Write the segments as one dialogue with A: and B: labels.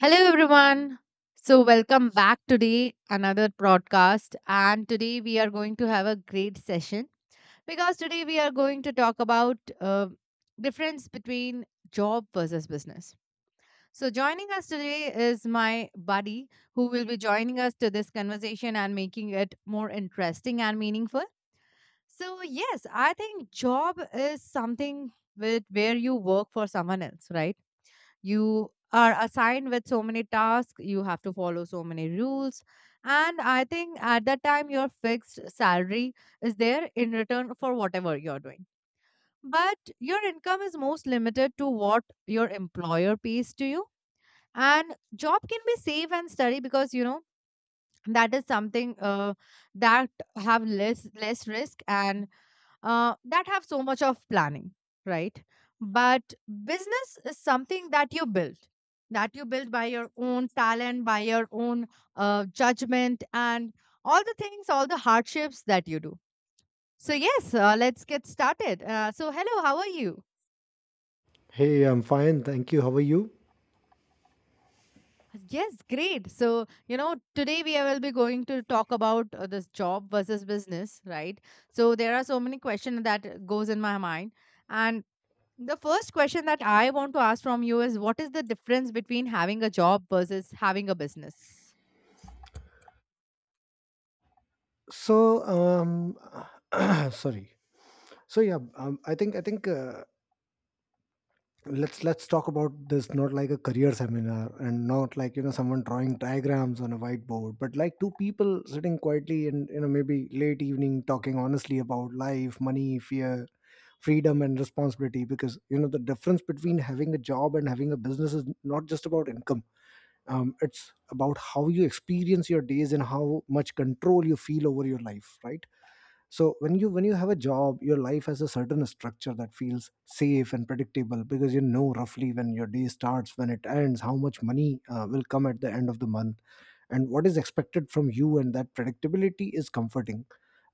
A: Hello everyone. So welcome back today another broadcast and today we are going to have a great session because today we are going to talk about difference between job versus business. So joining us today is my buddy who will be joining us to this conversation and making it more interesting and meaningful. So yes, I think job is something with where you work for someone else, right? You are assigned with so many tasks, you have to follow so many rules, and I think at that time your fixed salary is there in return for whatever you're doing, but your income is most limited to what your employer pays to you. And job can be safe and steady because you know that is something that have less risk and that have so much of planning, right? But business is something that you build by your own talent, by your own judgment, and all the things, all the hardships that you do. So, yes, let's get started. So, hello, how are you?
B: Hey, I'm fine. Thank you. How are you?
A: Yes, great. So, today we will be going to talk about this job versus business, right? So, there are so many questions that goes in my mind, and the first question that I want to ask from you is what is the difference between having a job versus having a business?
B: So, um, sorry. So yeah, I think let's talk about this not like a career seminar and not like you know someone drawing diagrams on a whiteboard, but like two people sitting quietly and you know maybe late evening talking honestly about life, money, fear, freedom, and responsibility. Because you know the difference between having a job and having a business is not just about income. It's about how you experience your days and how much control you feel over your life, right? So when you have a job, your life has a certain structure that feels safe and predictable, because you know roughly when your day starts, when it ends, how much money will come at the end of the month, and what is expected from you. And that predictability is comforting,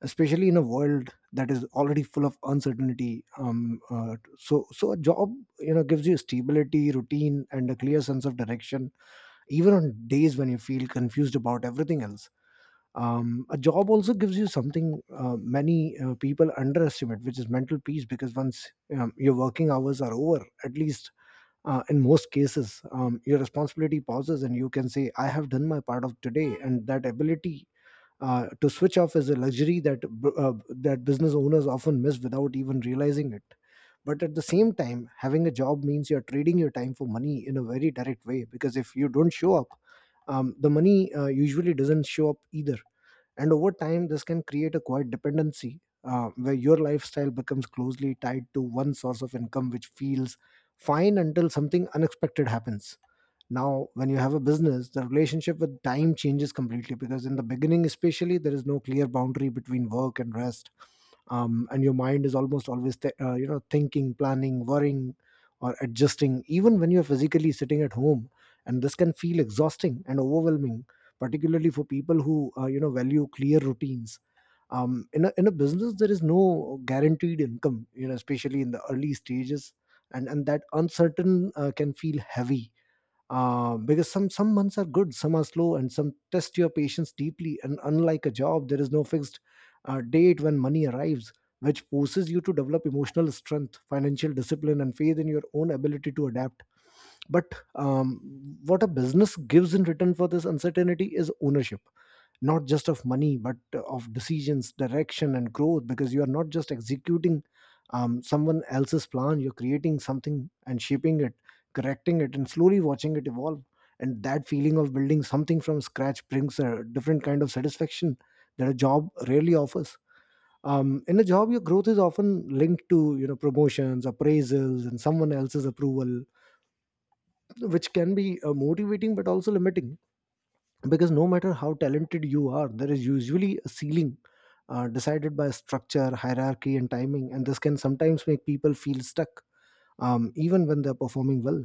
B: especially in a world that is already full of uncertainty. So a job, you know, gives you stability, routine, and a clear sense of direction, even on days when you feel confused about everything else. A job also gives you something many people underestimate, which is mental peace, because once your working hours are over, at least in most cases, your responsibility pauses and you can say, I have done my part of today. And that ability to switch off is a luxury that that business owners often miss without even realizing it. But at the same time, having a job means you're trading your time for money in a very direct way, because if you don't show up, the money usually doesn't show up either. And over time, this can create a quiet dependency where your lifestyle becomes closely tied to one source of income, which feels fine until something unexpected happens. Now when you have a business, the relationship with time changes completely, because in the beginning especially there is no clear boundary between work and rest, and your mind is almost always you know thinking, planning, worrying, or adjusting, even when you're physically sitting at home. And this can feel exhausting and overwhelming, particularly for people who you know value clear routines. In a business there is no guaranteed income, you know, especially in the early stages, and that uncertain can feel heavy, because some months are good, some are slow, and some test your patience deeply. And unlike a job, there is no fixed date when money arrives, which forces you to develop emotional strength, financial discipline, and faith in your own ability to adapt. But what a business gives in return for this uncertainty is ownership, not just of money but of decisions, direction, and growth, because you are not just executing someone else's plan, you're creating something and shaping it, correcting it, and slowly watching it evolve. And that feeling of building something from scratch brings a different kind of satisfaction that a job rarely offers. In a job your growth is often linked to you know promotions, appraisals, and someone else's approval, which can be motivating but also limiting, because no matter how talented you are there is usually a ceiling decided by structure, hierarchy, and timing, and this can sometimes make people feel stuck even when they're performing well.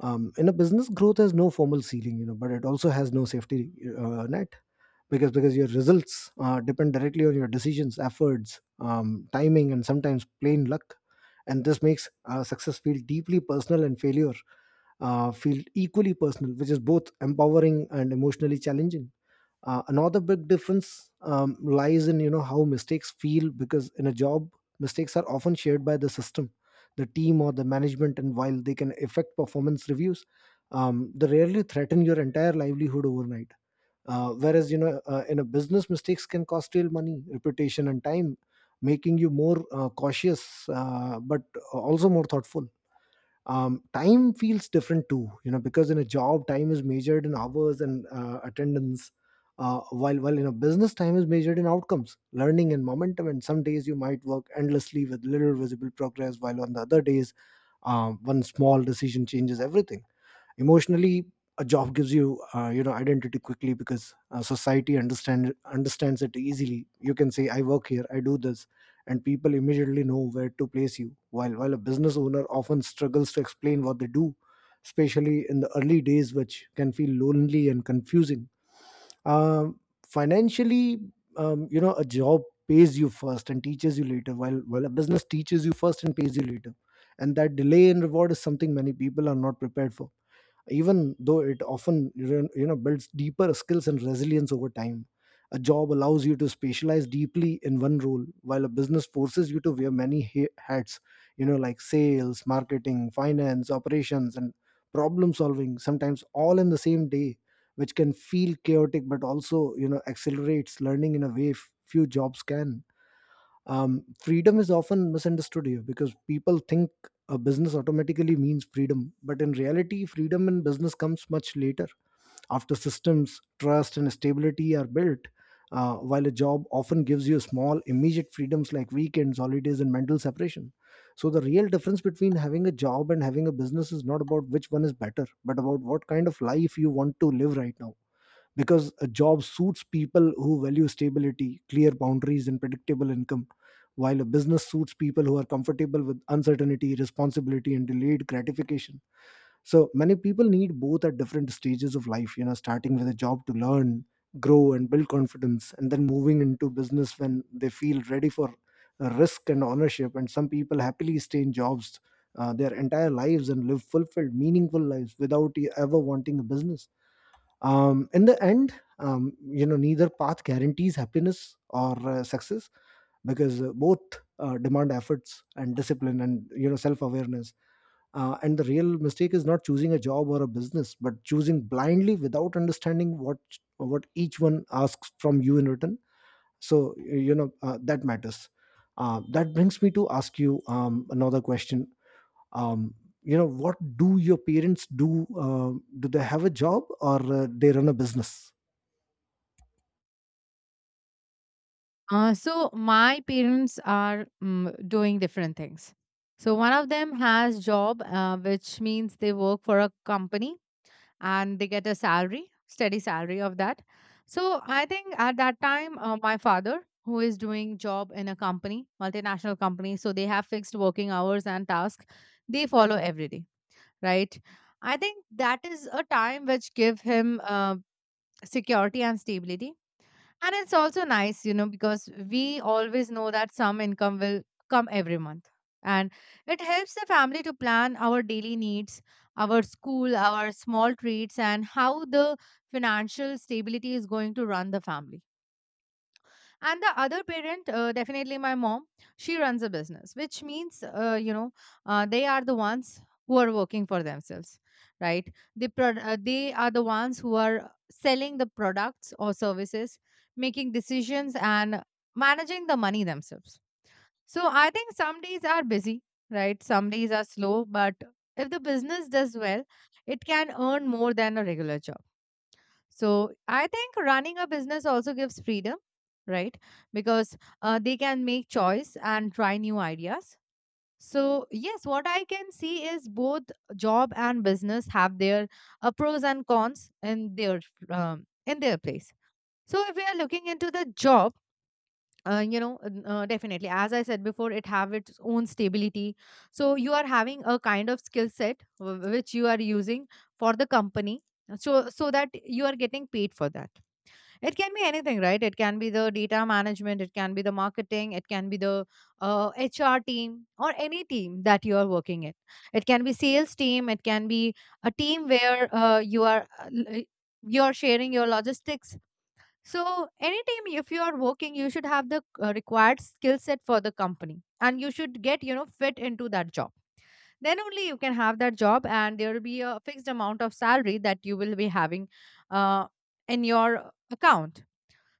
B: In a business growth has no formal ceiling, you know, but it also has no safety net, because your results depend directly on your decisions, efforts, timing, and sometimes plain luck. And this makes success feel deeply personal and failure feel equally personal, which is both empowering and emotionally challenging. Another big difference lies in you know how mistakes feel, because in a job mistakes are often shared by the system, the team, or the management, and while they can affect performance reviews, they rarely threaten your entire livelihood overnight, whereas you know in a business mistakes can cost real money, reputation, and time, making you more cautious but also more thoughtful. Time feels different too, you know, because in a job time is measured in hours and attendance, while in a business time is measured in outcomes, learning, and momentum. And some days you might work endlessly with little visible progress while on the other days one small decision changes everything. Emotionally, a job gives you you know identity quickly because society understands it easily. You can say I work here, I do this, and people immediately know where to place you, while a business owner often struggles to explain what they do, especially in the early days, which can feel lonely and confusing. um, Financially, you know a job pays you first and teaches you later, while a business teaches you first and pays you later. And that delay in reward is something many people are not prepared for, even though it often you know builds deeper skills and resilience over time. A job allows you to specialize deeply in one role while a business forces you to wear many hats, you know, like sales, marketing, finance, operations, and problem solving, sometimes all in the same day, which can feel chaotic but also you know accelerates learning in a way few jobs can. Freedom is often misunderstood here because people think a business automatically means freedom, but in reality freedom in business comes much later, after systems, trust, and stability are built, while a job often gives you small immediate freedoms like weekends, holidays, and mental separation. So the real difference between having a job and having a business is not about which one is better but about what kind of life you want to live right now, because a job suits people who value stability, clear boundaries, and predictable income, while a business suits people who are comfortable with uncertainty, responsibility, and delayed gratification. So many people need both at different stages of life, you know, starting with a job to learn, grow, and build confidence, and then moving into business when they feel ready for risk and ownership. And some people happily stay in jobs their entire lives and live fulfilled, meaningful lives without ever wanting a business. In the end, you know, neither path guarantees happiness or success, because both demand efforts and discipline and you know self-awareness, and the real mistake is not choosing a job or a business but choosing blindly without understanding what each one asks from you in return. So you know that matters. That brings me to ask you another question. um, you know, what do your parents do? Do they have a job or they run a business?
A: So my parents are doing different things. So one of them has job, which means they work for a company and they get a salary, steady salary of that. So I think at that time, my father, who is doing job in a company, multinational company, so they have fixed working hours and tasks they follow every day, right? I think that is a time which give him security and stability, and it's also nice, because we always know that some income will come every month. And it helps the family to plan our daily needs, our school, our small treats, and how the financial stability is going to run the family. And the other parent, definitely my mom, she runs a business, which means they are the ones who are working for themselves, right? They they are the ones who are selling the products or services, making decisions, and managing the money themselves. So I think some days are busy, right? Some days are slow, but if the business does well, it can earn more than a regular job. So I think running a business also gives freedom, right? Because they can make choice and try new ideas. So yes, what I can see is both job and business have their pros and cons in their place. So if we are looking into the job. Definitely, as I said before, it have its own stability. So you are having a kind of skill set, which you are using for the company, so that you are getting paid for that. It can be anything, right? It can be the data management, it can be the marketing, it can be the HR team, or any team that you are working in. It can be sales team, it can be a team where you are sharing your logistics. So any team, if you are working, you should have the required skill set for the company, and you should get fit into that job. Then only you can have that job, and there will be a fixed amount of salary that you will be having uh, in your account.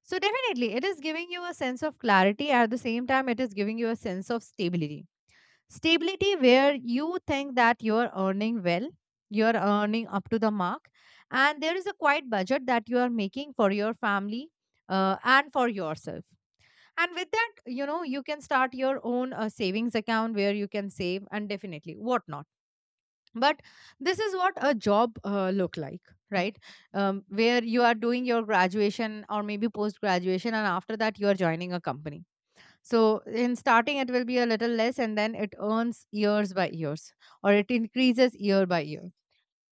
A: So definitely, it is giving you a sense of clarity. At the same time, it is giving you a sense of stability. Stability where you think that you're earning well, you're earning up to the mark, and there is a quiet budget that you are making for your family and for yourself. And with that, you can start your own savings account where you can save and definitely whatnot. But this is what a job look like, right? Where you are doing your graduation or maybe post graduation, and after that you are joining a company. So in starting it will be a little less, and then it earns years by years, or it increases year by year.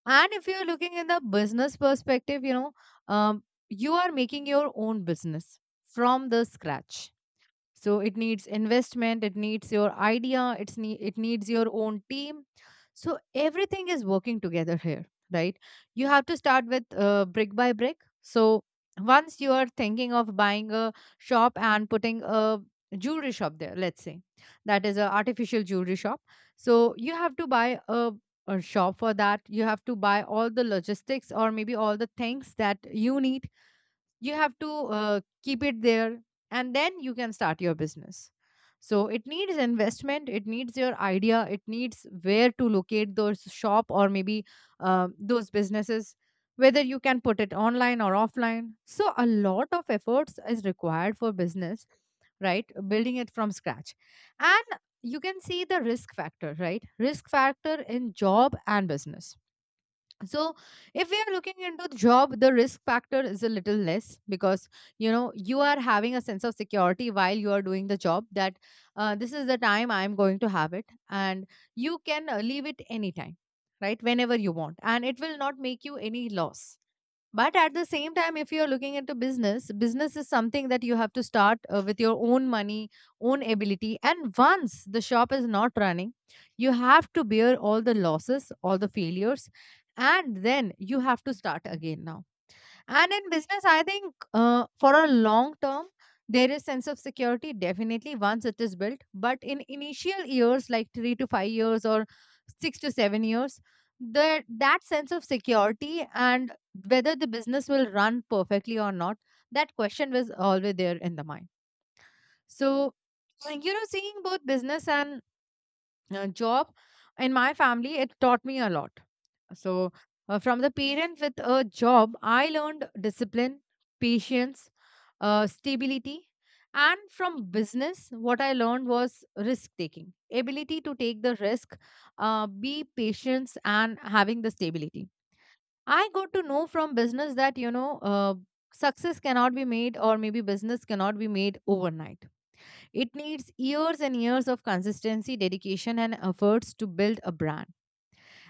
A: And if you're looking in the business perspective, um, you are making your own business from the scratch. So it needs investment, it needs your idea, it's ne. It needs your own team. So everything is working together here, right? You have to start with brick by brick. So once you are thinking of buying a shop and putting a jewelry shop there, let's say that is a artificial jewelry shop. So you have to buy a shop. For that you have to buy all the logistics, or maybe all the things that you need. You have to keep it there, and then you can start your business. So it needs investment, it needs your idea, it needs where to locate those shop, or maybe those businesses, whether you can put it online or offline. So a lot of efforts is required for business, right? Building it from scratch. And you can see the risk factor, right? Risk factor in job and business. So if we are looking into the job, the risk factor is a little less because you know you are having a sense of security while you are doing the job, that this is the time I am going to have it, and you can leave it anytime, right? Whenever you want, and it will not make you any loss. But at the same time, if you're looking into business, business is something that you have to start with your own money, own ability. And once the shop is not running, you have to bear all the losses, all the failures, and then you have to start again now. And in business, I think for a long term, there is sense of security definitely once it is built. But in initial years, like 3 to 5 years or 6 to 7 years, the that sense of security and whether the business will run perfectly or not, that question was always there in the mind. So, seeing both business and job in my family, it taught me a lot. So, from the parent with a job, I learned discipline, patience, stability. And from business, what I learned was risk taking, ability to take the risk, be patient, and having the stability. I got to know from business that success cannot be made, or maybe business cannot be made overnight. It needs years and years of consistency, dedication, and efforts to build a brand,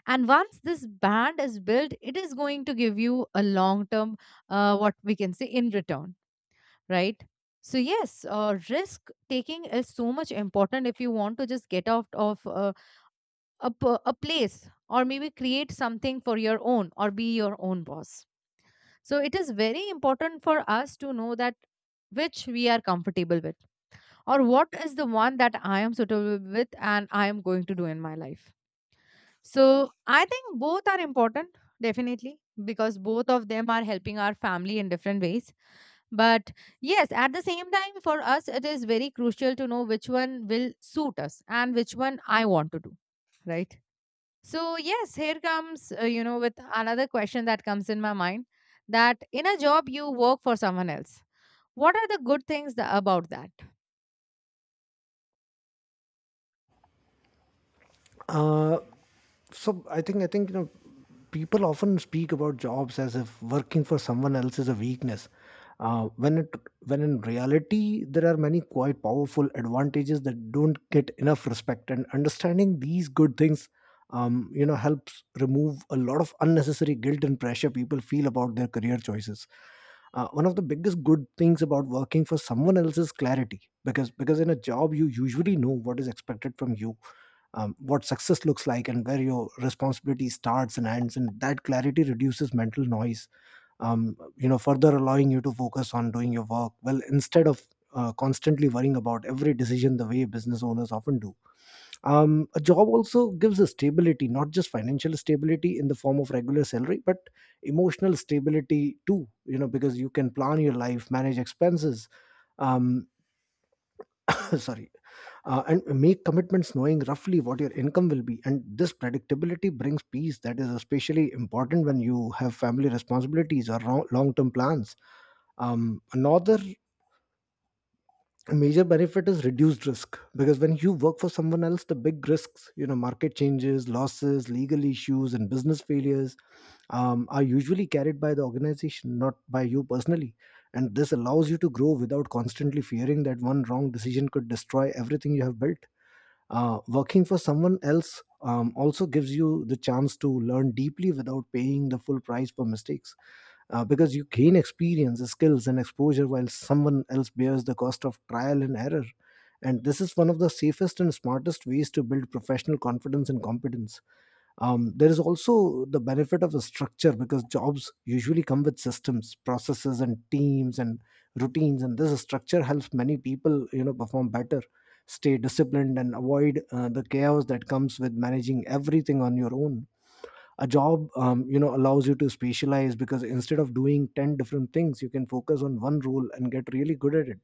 A: and once this band is built, it is going to give you a long term what we can say in return, right? So yes, risk taking is so much important if you want to just get out of a place, or maybe create something for your own, or be your own boss. So it is very important for us to know that which we are comfortable with, or what is the one that I am suitable with and I am going to do in my life. So I think both are important, definitely, because both of them are helping our family in different ways. But yes, at the same time, for us, it is very crucial to know which one will suit us and which one I want to do, right? So, yes, here comes, with another question that comes in my mind, that in a job, you work for someone else. What are the good things about that?
B: Uh, so I think you know people often speak about jobs as if working for someone else is a weakness. Uh, when it when in reality there are many quite powerful advantages that don't get enough respect, and understanding these good things you know helps remove a lot of unnecessary guilt and pressure people feel about their career choices. One of the biggest good things about working for someone else is clarity, because in a job you usually know what is expected from you, what success looks like, and where your responsibility starts and ends. And that clarity reduces mental noise, you know, further allowing you to focus on doing your work well instead of constantly worrying about every decision the way business owners often do. A job also gives a stability, not just financial stability in the form of regular salary but emotional stability too, you know, because you can plan your life, manage expenses, um, sorry, and make commitments knowing roughly what your income will be. And this predictability brings peace that is especially important when you have family responsibilities or long-term plans. Another major benefit is reduced risk, because when you work for someone else the big risks, you know, market changes, losses, legal issues, and business failures, are usually carried by the organization, not by you personally. And this allows you to grow without constantly fearing that one wrong decision could destroy everything you have built. Working for someone else also gives you the chance to learn deeply without paying the full price for mistakes, because you gain experience, skills, and exposure while someone else bears the cost of trial and error. And this is one of the safest and smartest ways to build professional confidence and competence. There is also the benefit of a structure because jobs usually come with systems, processes, and teams and routines, and this structure helps many people, perform better, stay disciplined, and avoid the chaos that comes with managing everything on your own. A job, allows you to specialize because instead of doing ten different things, you can focus on one role and get really good at it,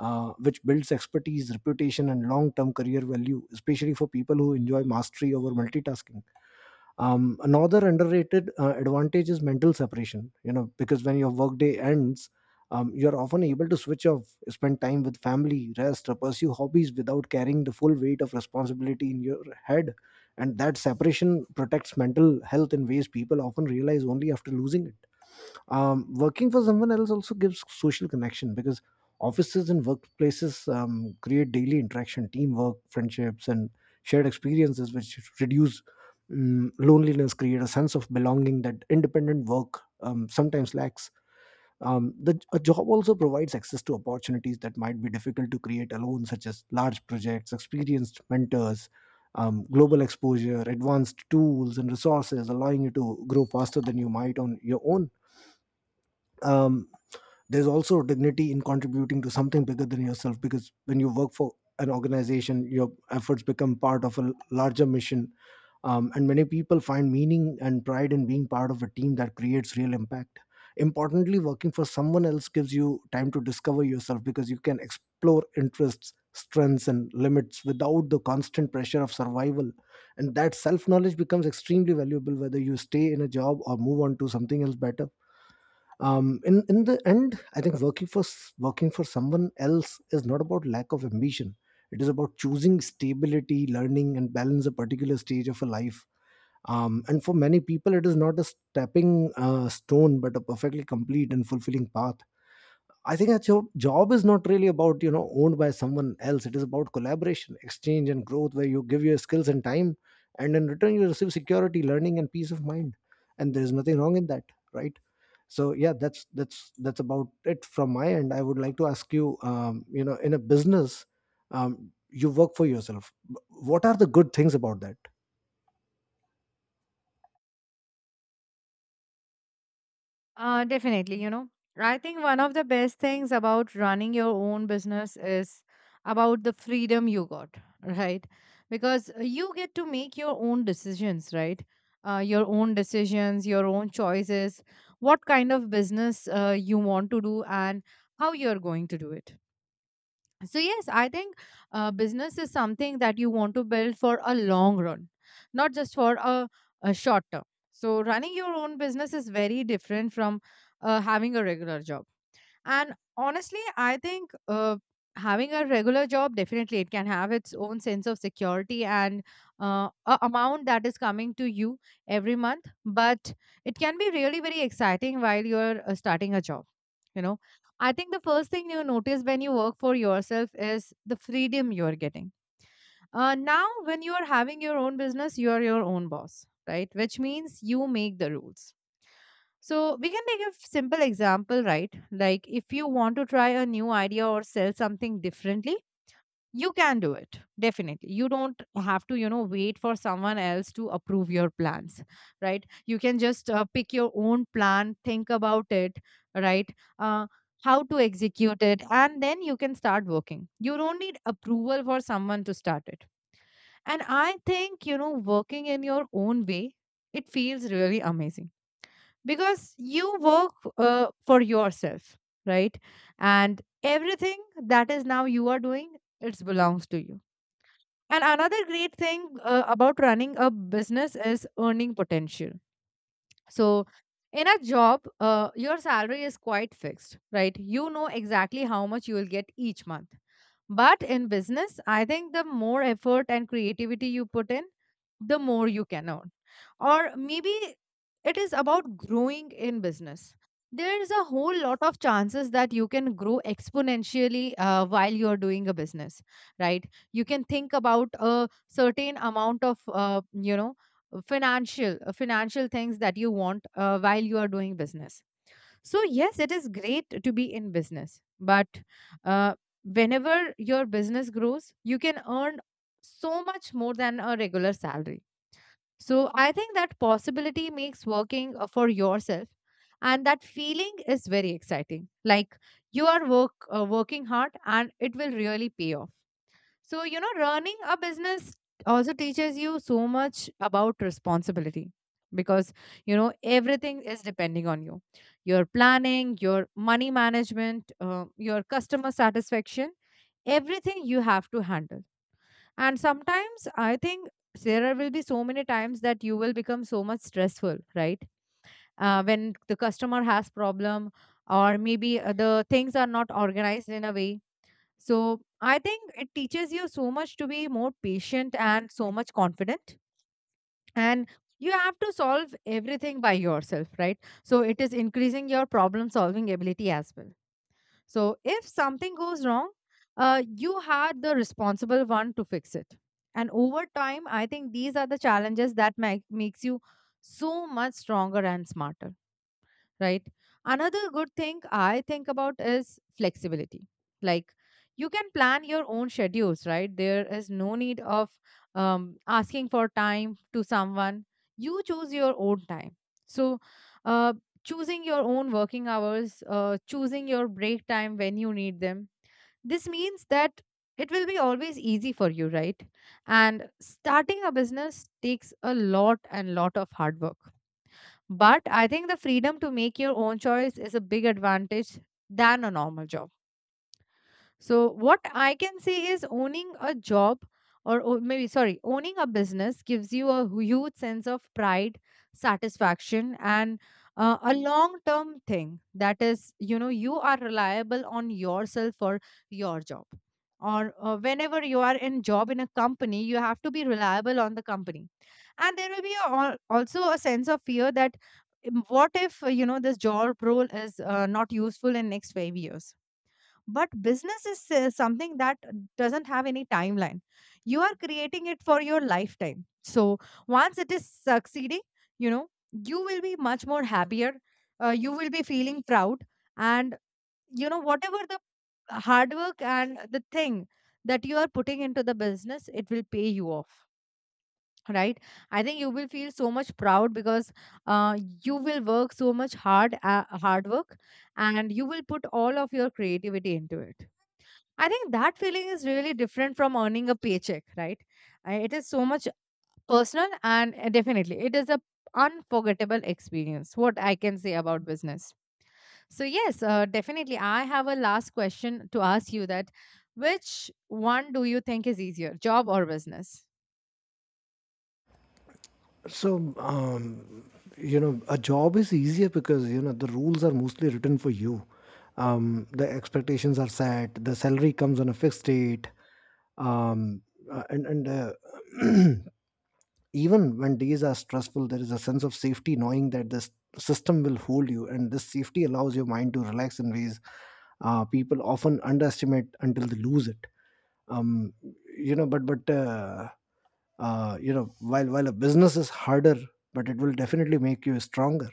B: which builds expertise, reputation, and long-term career value, especially for people who enjoy mastery over multitasking. Another underrated advantage is mental separation, you know, because when your workday ends, you're often able to switch off, spend time with family, rest, or pursue hobbies without carrying the full weight of responsibility in your head. And that separation protects mental health in ways people often realize only after losing it. Working for someone else also gives social connection because offices and workplaces create daily interaction, teamwork, friendships, and shared experiences which reduce loneliness, create a sense of belonging that independent work sometimes lacks. A job also provides access to opportunities that might be difficult to create alone, such as large projects, experienced mentors, global exposure, advanced tools, and resources, allowing you to grow faster than you might on your own. um, there's also dignity in contributing to something bigger than yourself, because when you work for an organization, your efforts become part of a larger mission. And many people find meaning and pride in being part of a team that creates real impact. Importantly, working for someone else gives you time to discover yourself because you can explore interests, strengths, and limits without the constant pressure of survival. And that self knowledge becomes extremely valuable whether you stay in a job or move on to something else better. In the end, I think working for someone else is not about lack of ambition. It is about choosing stability, learning, and balance a particular stage of a life. And for many people, it is not a stepping stone but a perfectly complete and fulfilling path. I think that your job is not really about, you know, owned by someone else. It is about collaboration, exchange, and growth, where you give your skills and time, and in return you receive security, learning, and peace of mind. And there is nothing wrong in that, right? So yeah, that's about it from my end. I would like to ask you, you know, in a business, you work for yourself, what are the good things about that?
A: Definitely, I think one of the best things about running your own business is about the freedom you got, right? Because you get to make your own decisions, right? Your own decisions, your own choices, what kind of business you want to do, and how you're going to do it. So, yes, I think business is something that you want to build for a long run, not just for a short term. So, running your own business is very different from having a regular job. And honestly, I think having a regular job, definitely it can have its own sense of security and a amount that is coming to you every month. But it can be really very exciting while you're starting a job. You know, I think the first thing you notice when you work for yourself is the freedom you're getting. Now, when you are having your own business, you are your own boss, right? Which means you make the rules. So we can take a simple example, right? Like if you want to try a new idea or sell something differently, you can do it. Definitely. You don't have to, wait for someone else to approve your plans, right? You can just pick your own plan, think about it, right? Uh, how to execute it, and then you can start working. You don't need approval for someone to start it. And I think, you know, working in your own way, it feels really amazing because you work for yourself, right, and everything that is now you are doing, it belongs to you. And another great thing about running a business is earning potential. So in a job, your salary is quite fixed, right? You know exactly how much you will get each month. But in business, I think the more effort and creativity you put in, the more you can earn. Or maybe it is about growing in business. There is a whole lot of chances that you can grow exponentially while you are doing a business, right? You can think about a certain amount of, you know, financial things that you want while you are doing business. So yes, it is great to be in business, but uh, whenever your business grows, you can earn so much more than a regular salary. So I think that possibility makes working for yourself, and that feeling is very exciting. Like you are working hard, and it will really pay off. So you know, running a business also teaches you so much about responsibility, because you know everything is depending on you, your planning, your money management, your customer satisfaction. Everything you have to handle. And sometimes I think there will be so many times that you will become so much stressful, right? When the customer has problem, or maybe the things are not organized in a way. So I think it teaches you so much to be more patient and so much confident. And you have to solve everything by yourself, right? So it is increasing your problem solving ability as well. So if something goes wrong, you had the responsible one to fix it. And over time, I think these are the challenges that makes you so much stronger and smarter, right? Another good thing I think about is flexibility. Like you can plan your own schedules, right? There is no need of asking for time to someone. You choose your own time. So, uh, choosing your own working hours, choosing your break time when you need them. This means that it will be always easy for you, right? And starting a business takes a lot and lot of hard work, but I think the freedom to make your own choice is a big advantage than a normal job. So, what I can say is owning a job or o- maybe, sorry, owning a business gives you a huge sense of pride, satisfaction, and a long term thing. That is, you know, you are reliable on yourself for your job. Or whenever you are in job in a company, you have to be reliable on the company. And there will be also a sense of fear that what if, you know, this job role is not useful in next 5 years? But business is something that doesn't have any timeline. You are creating it for your lifetime. So once it is succeeding, you know you will be much more happier. You will be feeling proud. And you know, whatever the hard work and the thing that you are putting into the business, it will pay you off, right? I think you will feel so much proud because uh, you will work so much hard hard work, and you will put all of your creativity into it. I think that feeling is really different from earning a paycheck, right? It is so much personal, and definitely it is a unforgettable experience, what I can say about business. So yes, definitely I have a last question to ask you, that which one do you think is easier, job or business?
B: So, you know, a job is easier because, you know, the rules are mostly written for you. The expectations are set, the salary comes on a fixed date, um, and even when days are stressful, there is a sense of safety knowing that this system will hold you, and this safety allows your mind to relax in ways people often underestimate until they lose it. um, you know, but you know, while a business is harder, but it will definitely make you stronger.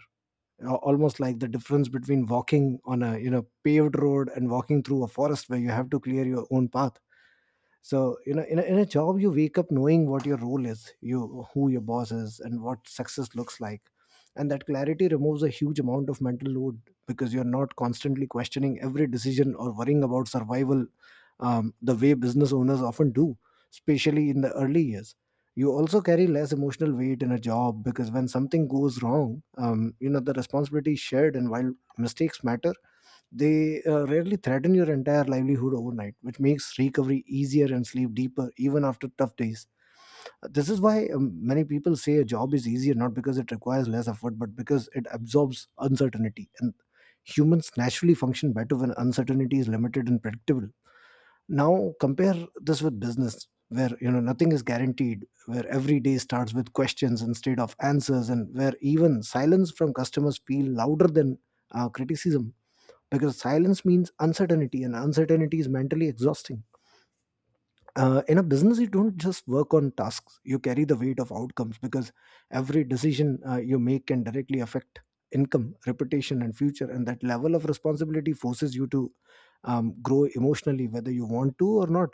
B: Almost like the difference between walking on a, you know, paved road and walking through a forest where you have to clear your own path. So, you know, in a job you wake up knowing what your role is, you who your boss is, and what success looks like, and that clarity removes a huge amount of mental load because you're not constantly questioning every decision or worrying about survival, the way business owners often do, especially in the early years. You also carry less emotional weight in a job because when something goes wrong, you know, the responsibility is shared, and while mistakes matter, they rarely threaten your entire livelihood overnight, which makes recovery easier and sleep deeper even after tough days. This is why, many people say a job is easier, not because it requires less effort, but because it absorbs uncertainty. And humans naturally function better when uncertainty is limited and predictable. Now, compare this with business, where, you know, nothing is guaranteed, where every day starts with questions instead of answers, and where even silence from customers feel louder than criticism, because silence means uncertainty, and uncertainty is mentally exhausting. In a business, you don't just work on tasks, you carry the weight of outcomes, because every decision you make can directly affect income, reputation, and future. And that level of responsibility forces you to grow emotionally whether you want to or not.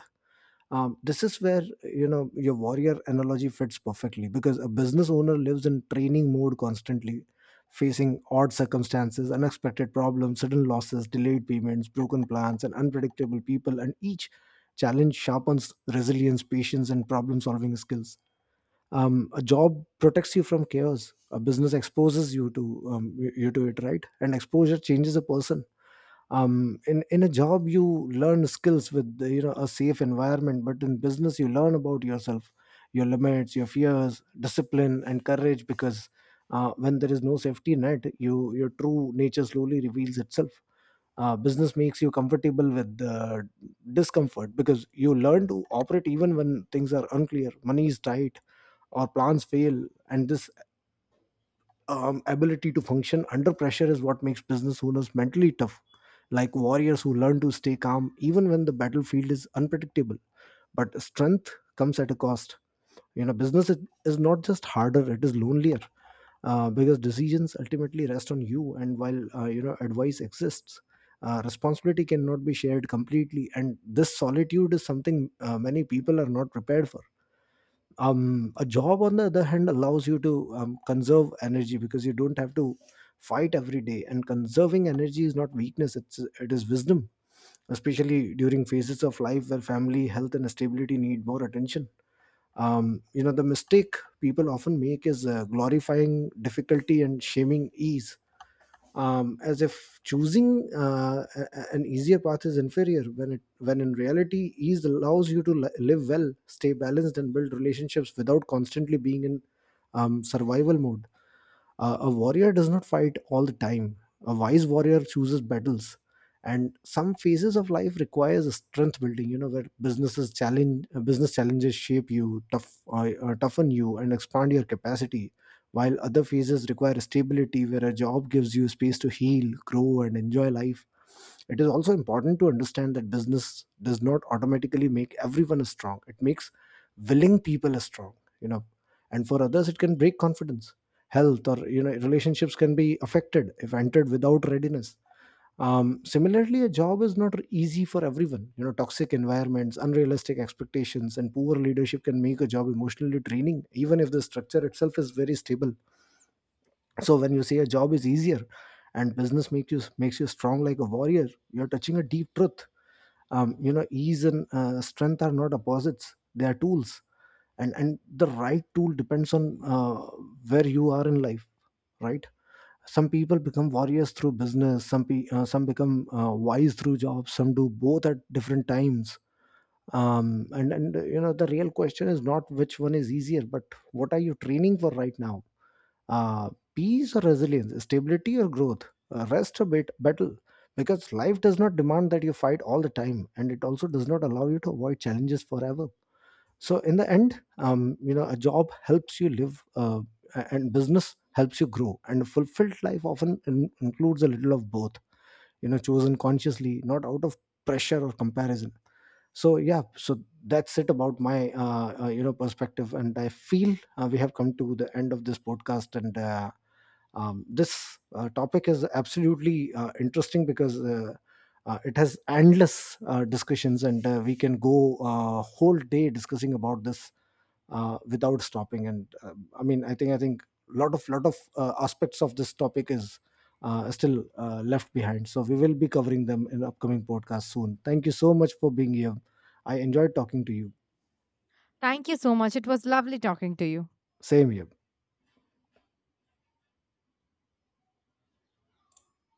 B: This is where, you know, your warrior analogy fits perfectly, because a business owner lives in training mode constantly, facing odd circumstances, unexpected problems, sudden losses, delayed payments, broken plans, and unpredictable people. And each challenge sharpens resilience, patience, and problem solving skills. A job protects you from chaos, a business exposes you to, you to it, right? And exposure changes a person. In a job, you learn skills with, you know, a safe environment, but in business you learn about yourself, your limits, your fears, discipline, and courage, because when there is no safety net, you your true nature slowly reveals itself. Business makes you comfortable with the discomfort, because you learn to operate even when things are unclear, money is tight, or plans fail. And this ability to function under pressure is what makes business owners mentally tough, like warriors who learn to stay calm even when the battlefield is unpredictable. But strength comes at a cost. You know, business is not just harder; it is lonelier, because decisions ultimately rest on you. And while, you know, advice exists, responsibility cannot be shared completely. And this solitude is something many people are not prepared for. A job, on the other hand, allows you to conserve energy because you don't have to fight every day. And conserving energy is not weakness, it is wisdom, especially during phases of life where family, health, and stability need more attention. You know, the mistake people often make is glorifying difficulty and shaming ease, as if choosing an easier path is inferior when it when in reality ease allows you to live well, stay balanced, and build relationships without constantly being in survival mode. A warrior does not fight all the time. A wise warrior chooses battles. And some phases of life requires a strength building, you know, where business challenges shape you, toughen you, and expand your capacity. While other phases require stability, where a job gives you space to heal, grow, and enjoy life. It is also important to understand that business does not automatically make everyone as strong. It makes willing people as strong, you know, and for others it can break confidence, health, or, you know, relationships can be affected if entered without readiness. Similarly, a job is not easy for everyone. You know, toxic environments, unrealistic expectations, and poor leadership can make a job emotionally draining even if the structure itself is very stable. So when you say a job is easier and business makes you strong like a warrior, you're touching a deep truth. You know, ease and strength are not opposites, they are tools. And the right tool depends on where you are in life, right? Some people become warriors through business, some become wise through jobs, some do both at different times. And You know, the real question is not which one is easier, but what are you training for right now? uh, Peace or resilience, stability or growth, rest or bit battle, because life does not demand that you fight all the time, and it also does not allow you to avoid challenges forever. So in the end, you know, a job helps you live, and business helps you grow, and a fulfilled life often includes a little of both, you know, chosen consciously, not out of pressure or comparison. So yeah, so that's it about my you know, perspective. And I feel we have come to the end of this podcast. And This topic is absolutely interesting because, it has endless discussions, and we can go a whole day discussing about this without stopping. And I mean, I think lot of aspects of this topic is still left behind, so we will be covering them in upcoming podcast soon. Thank you so much for being here. I enjoyed talking to you.
A: Thank you so much, it was lovely talking to you.
B: Same here.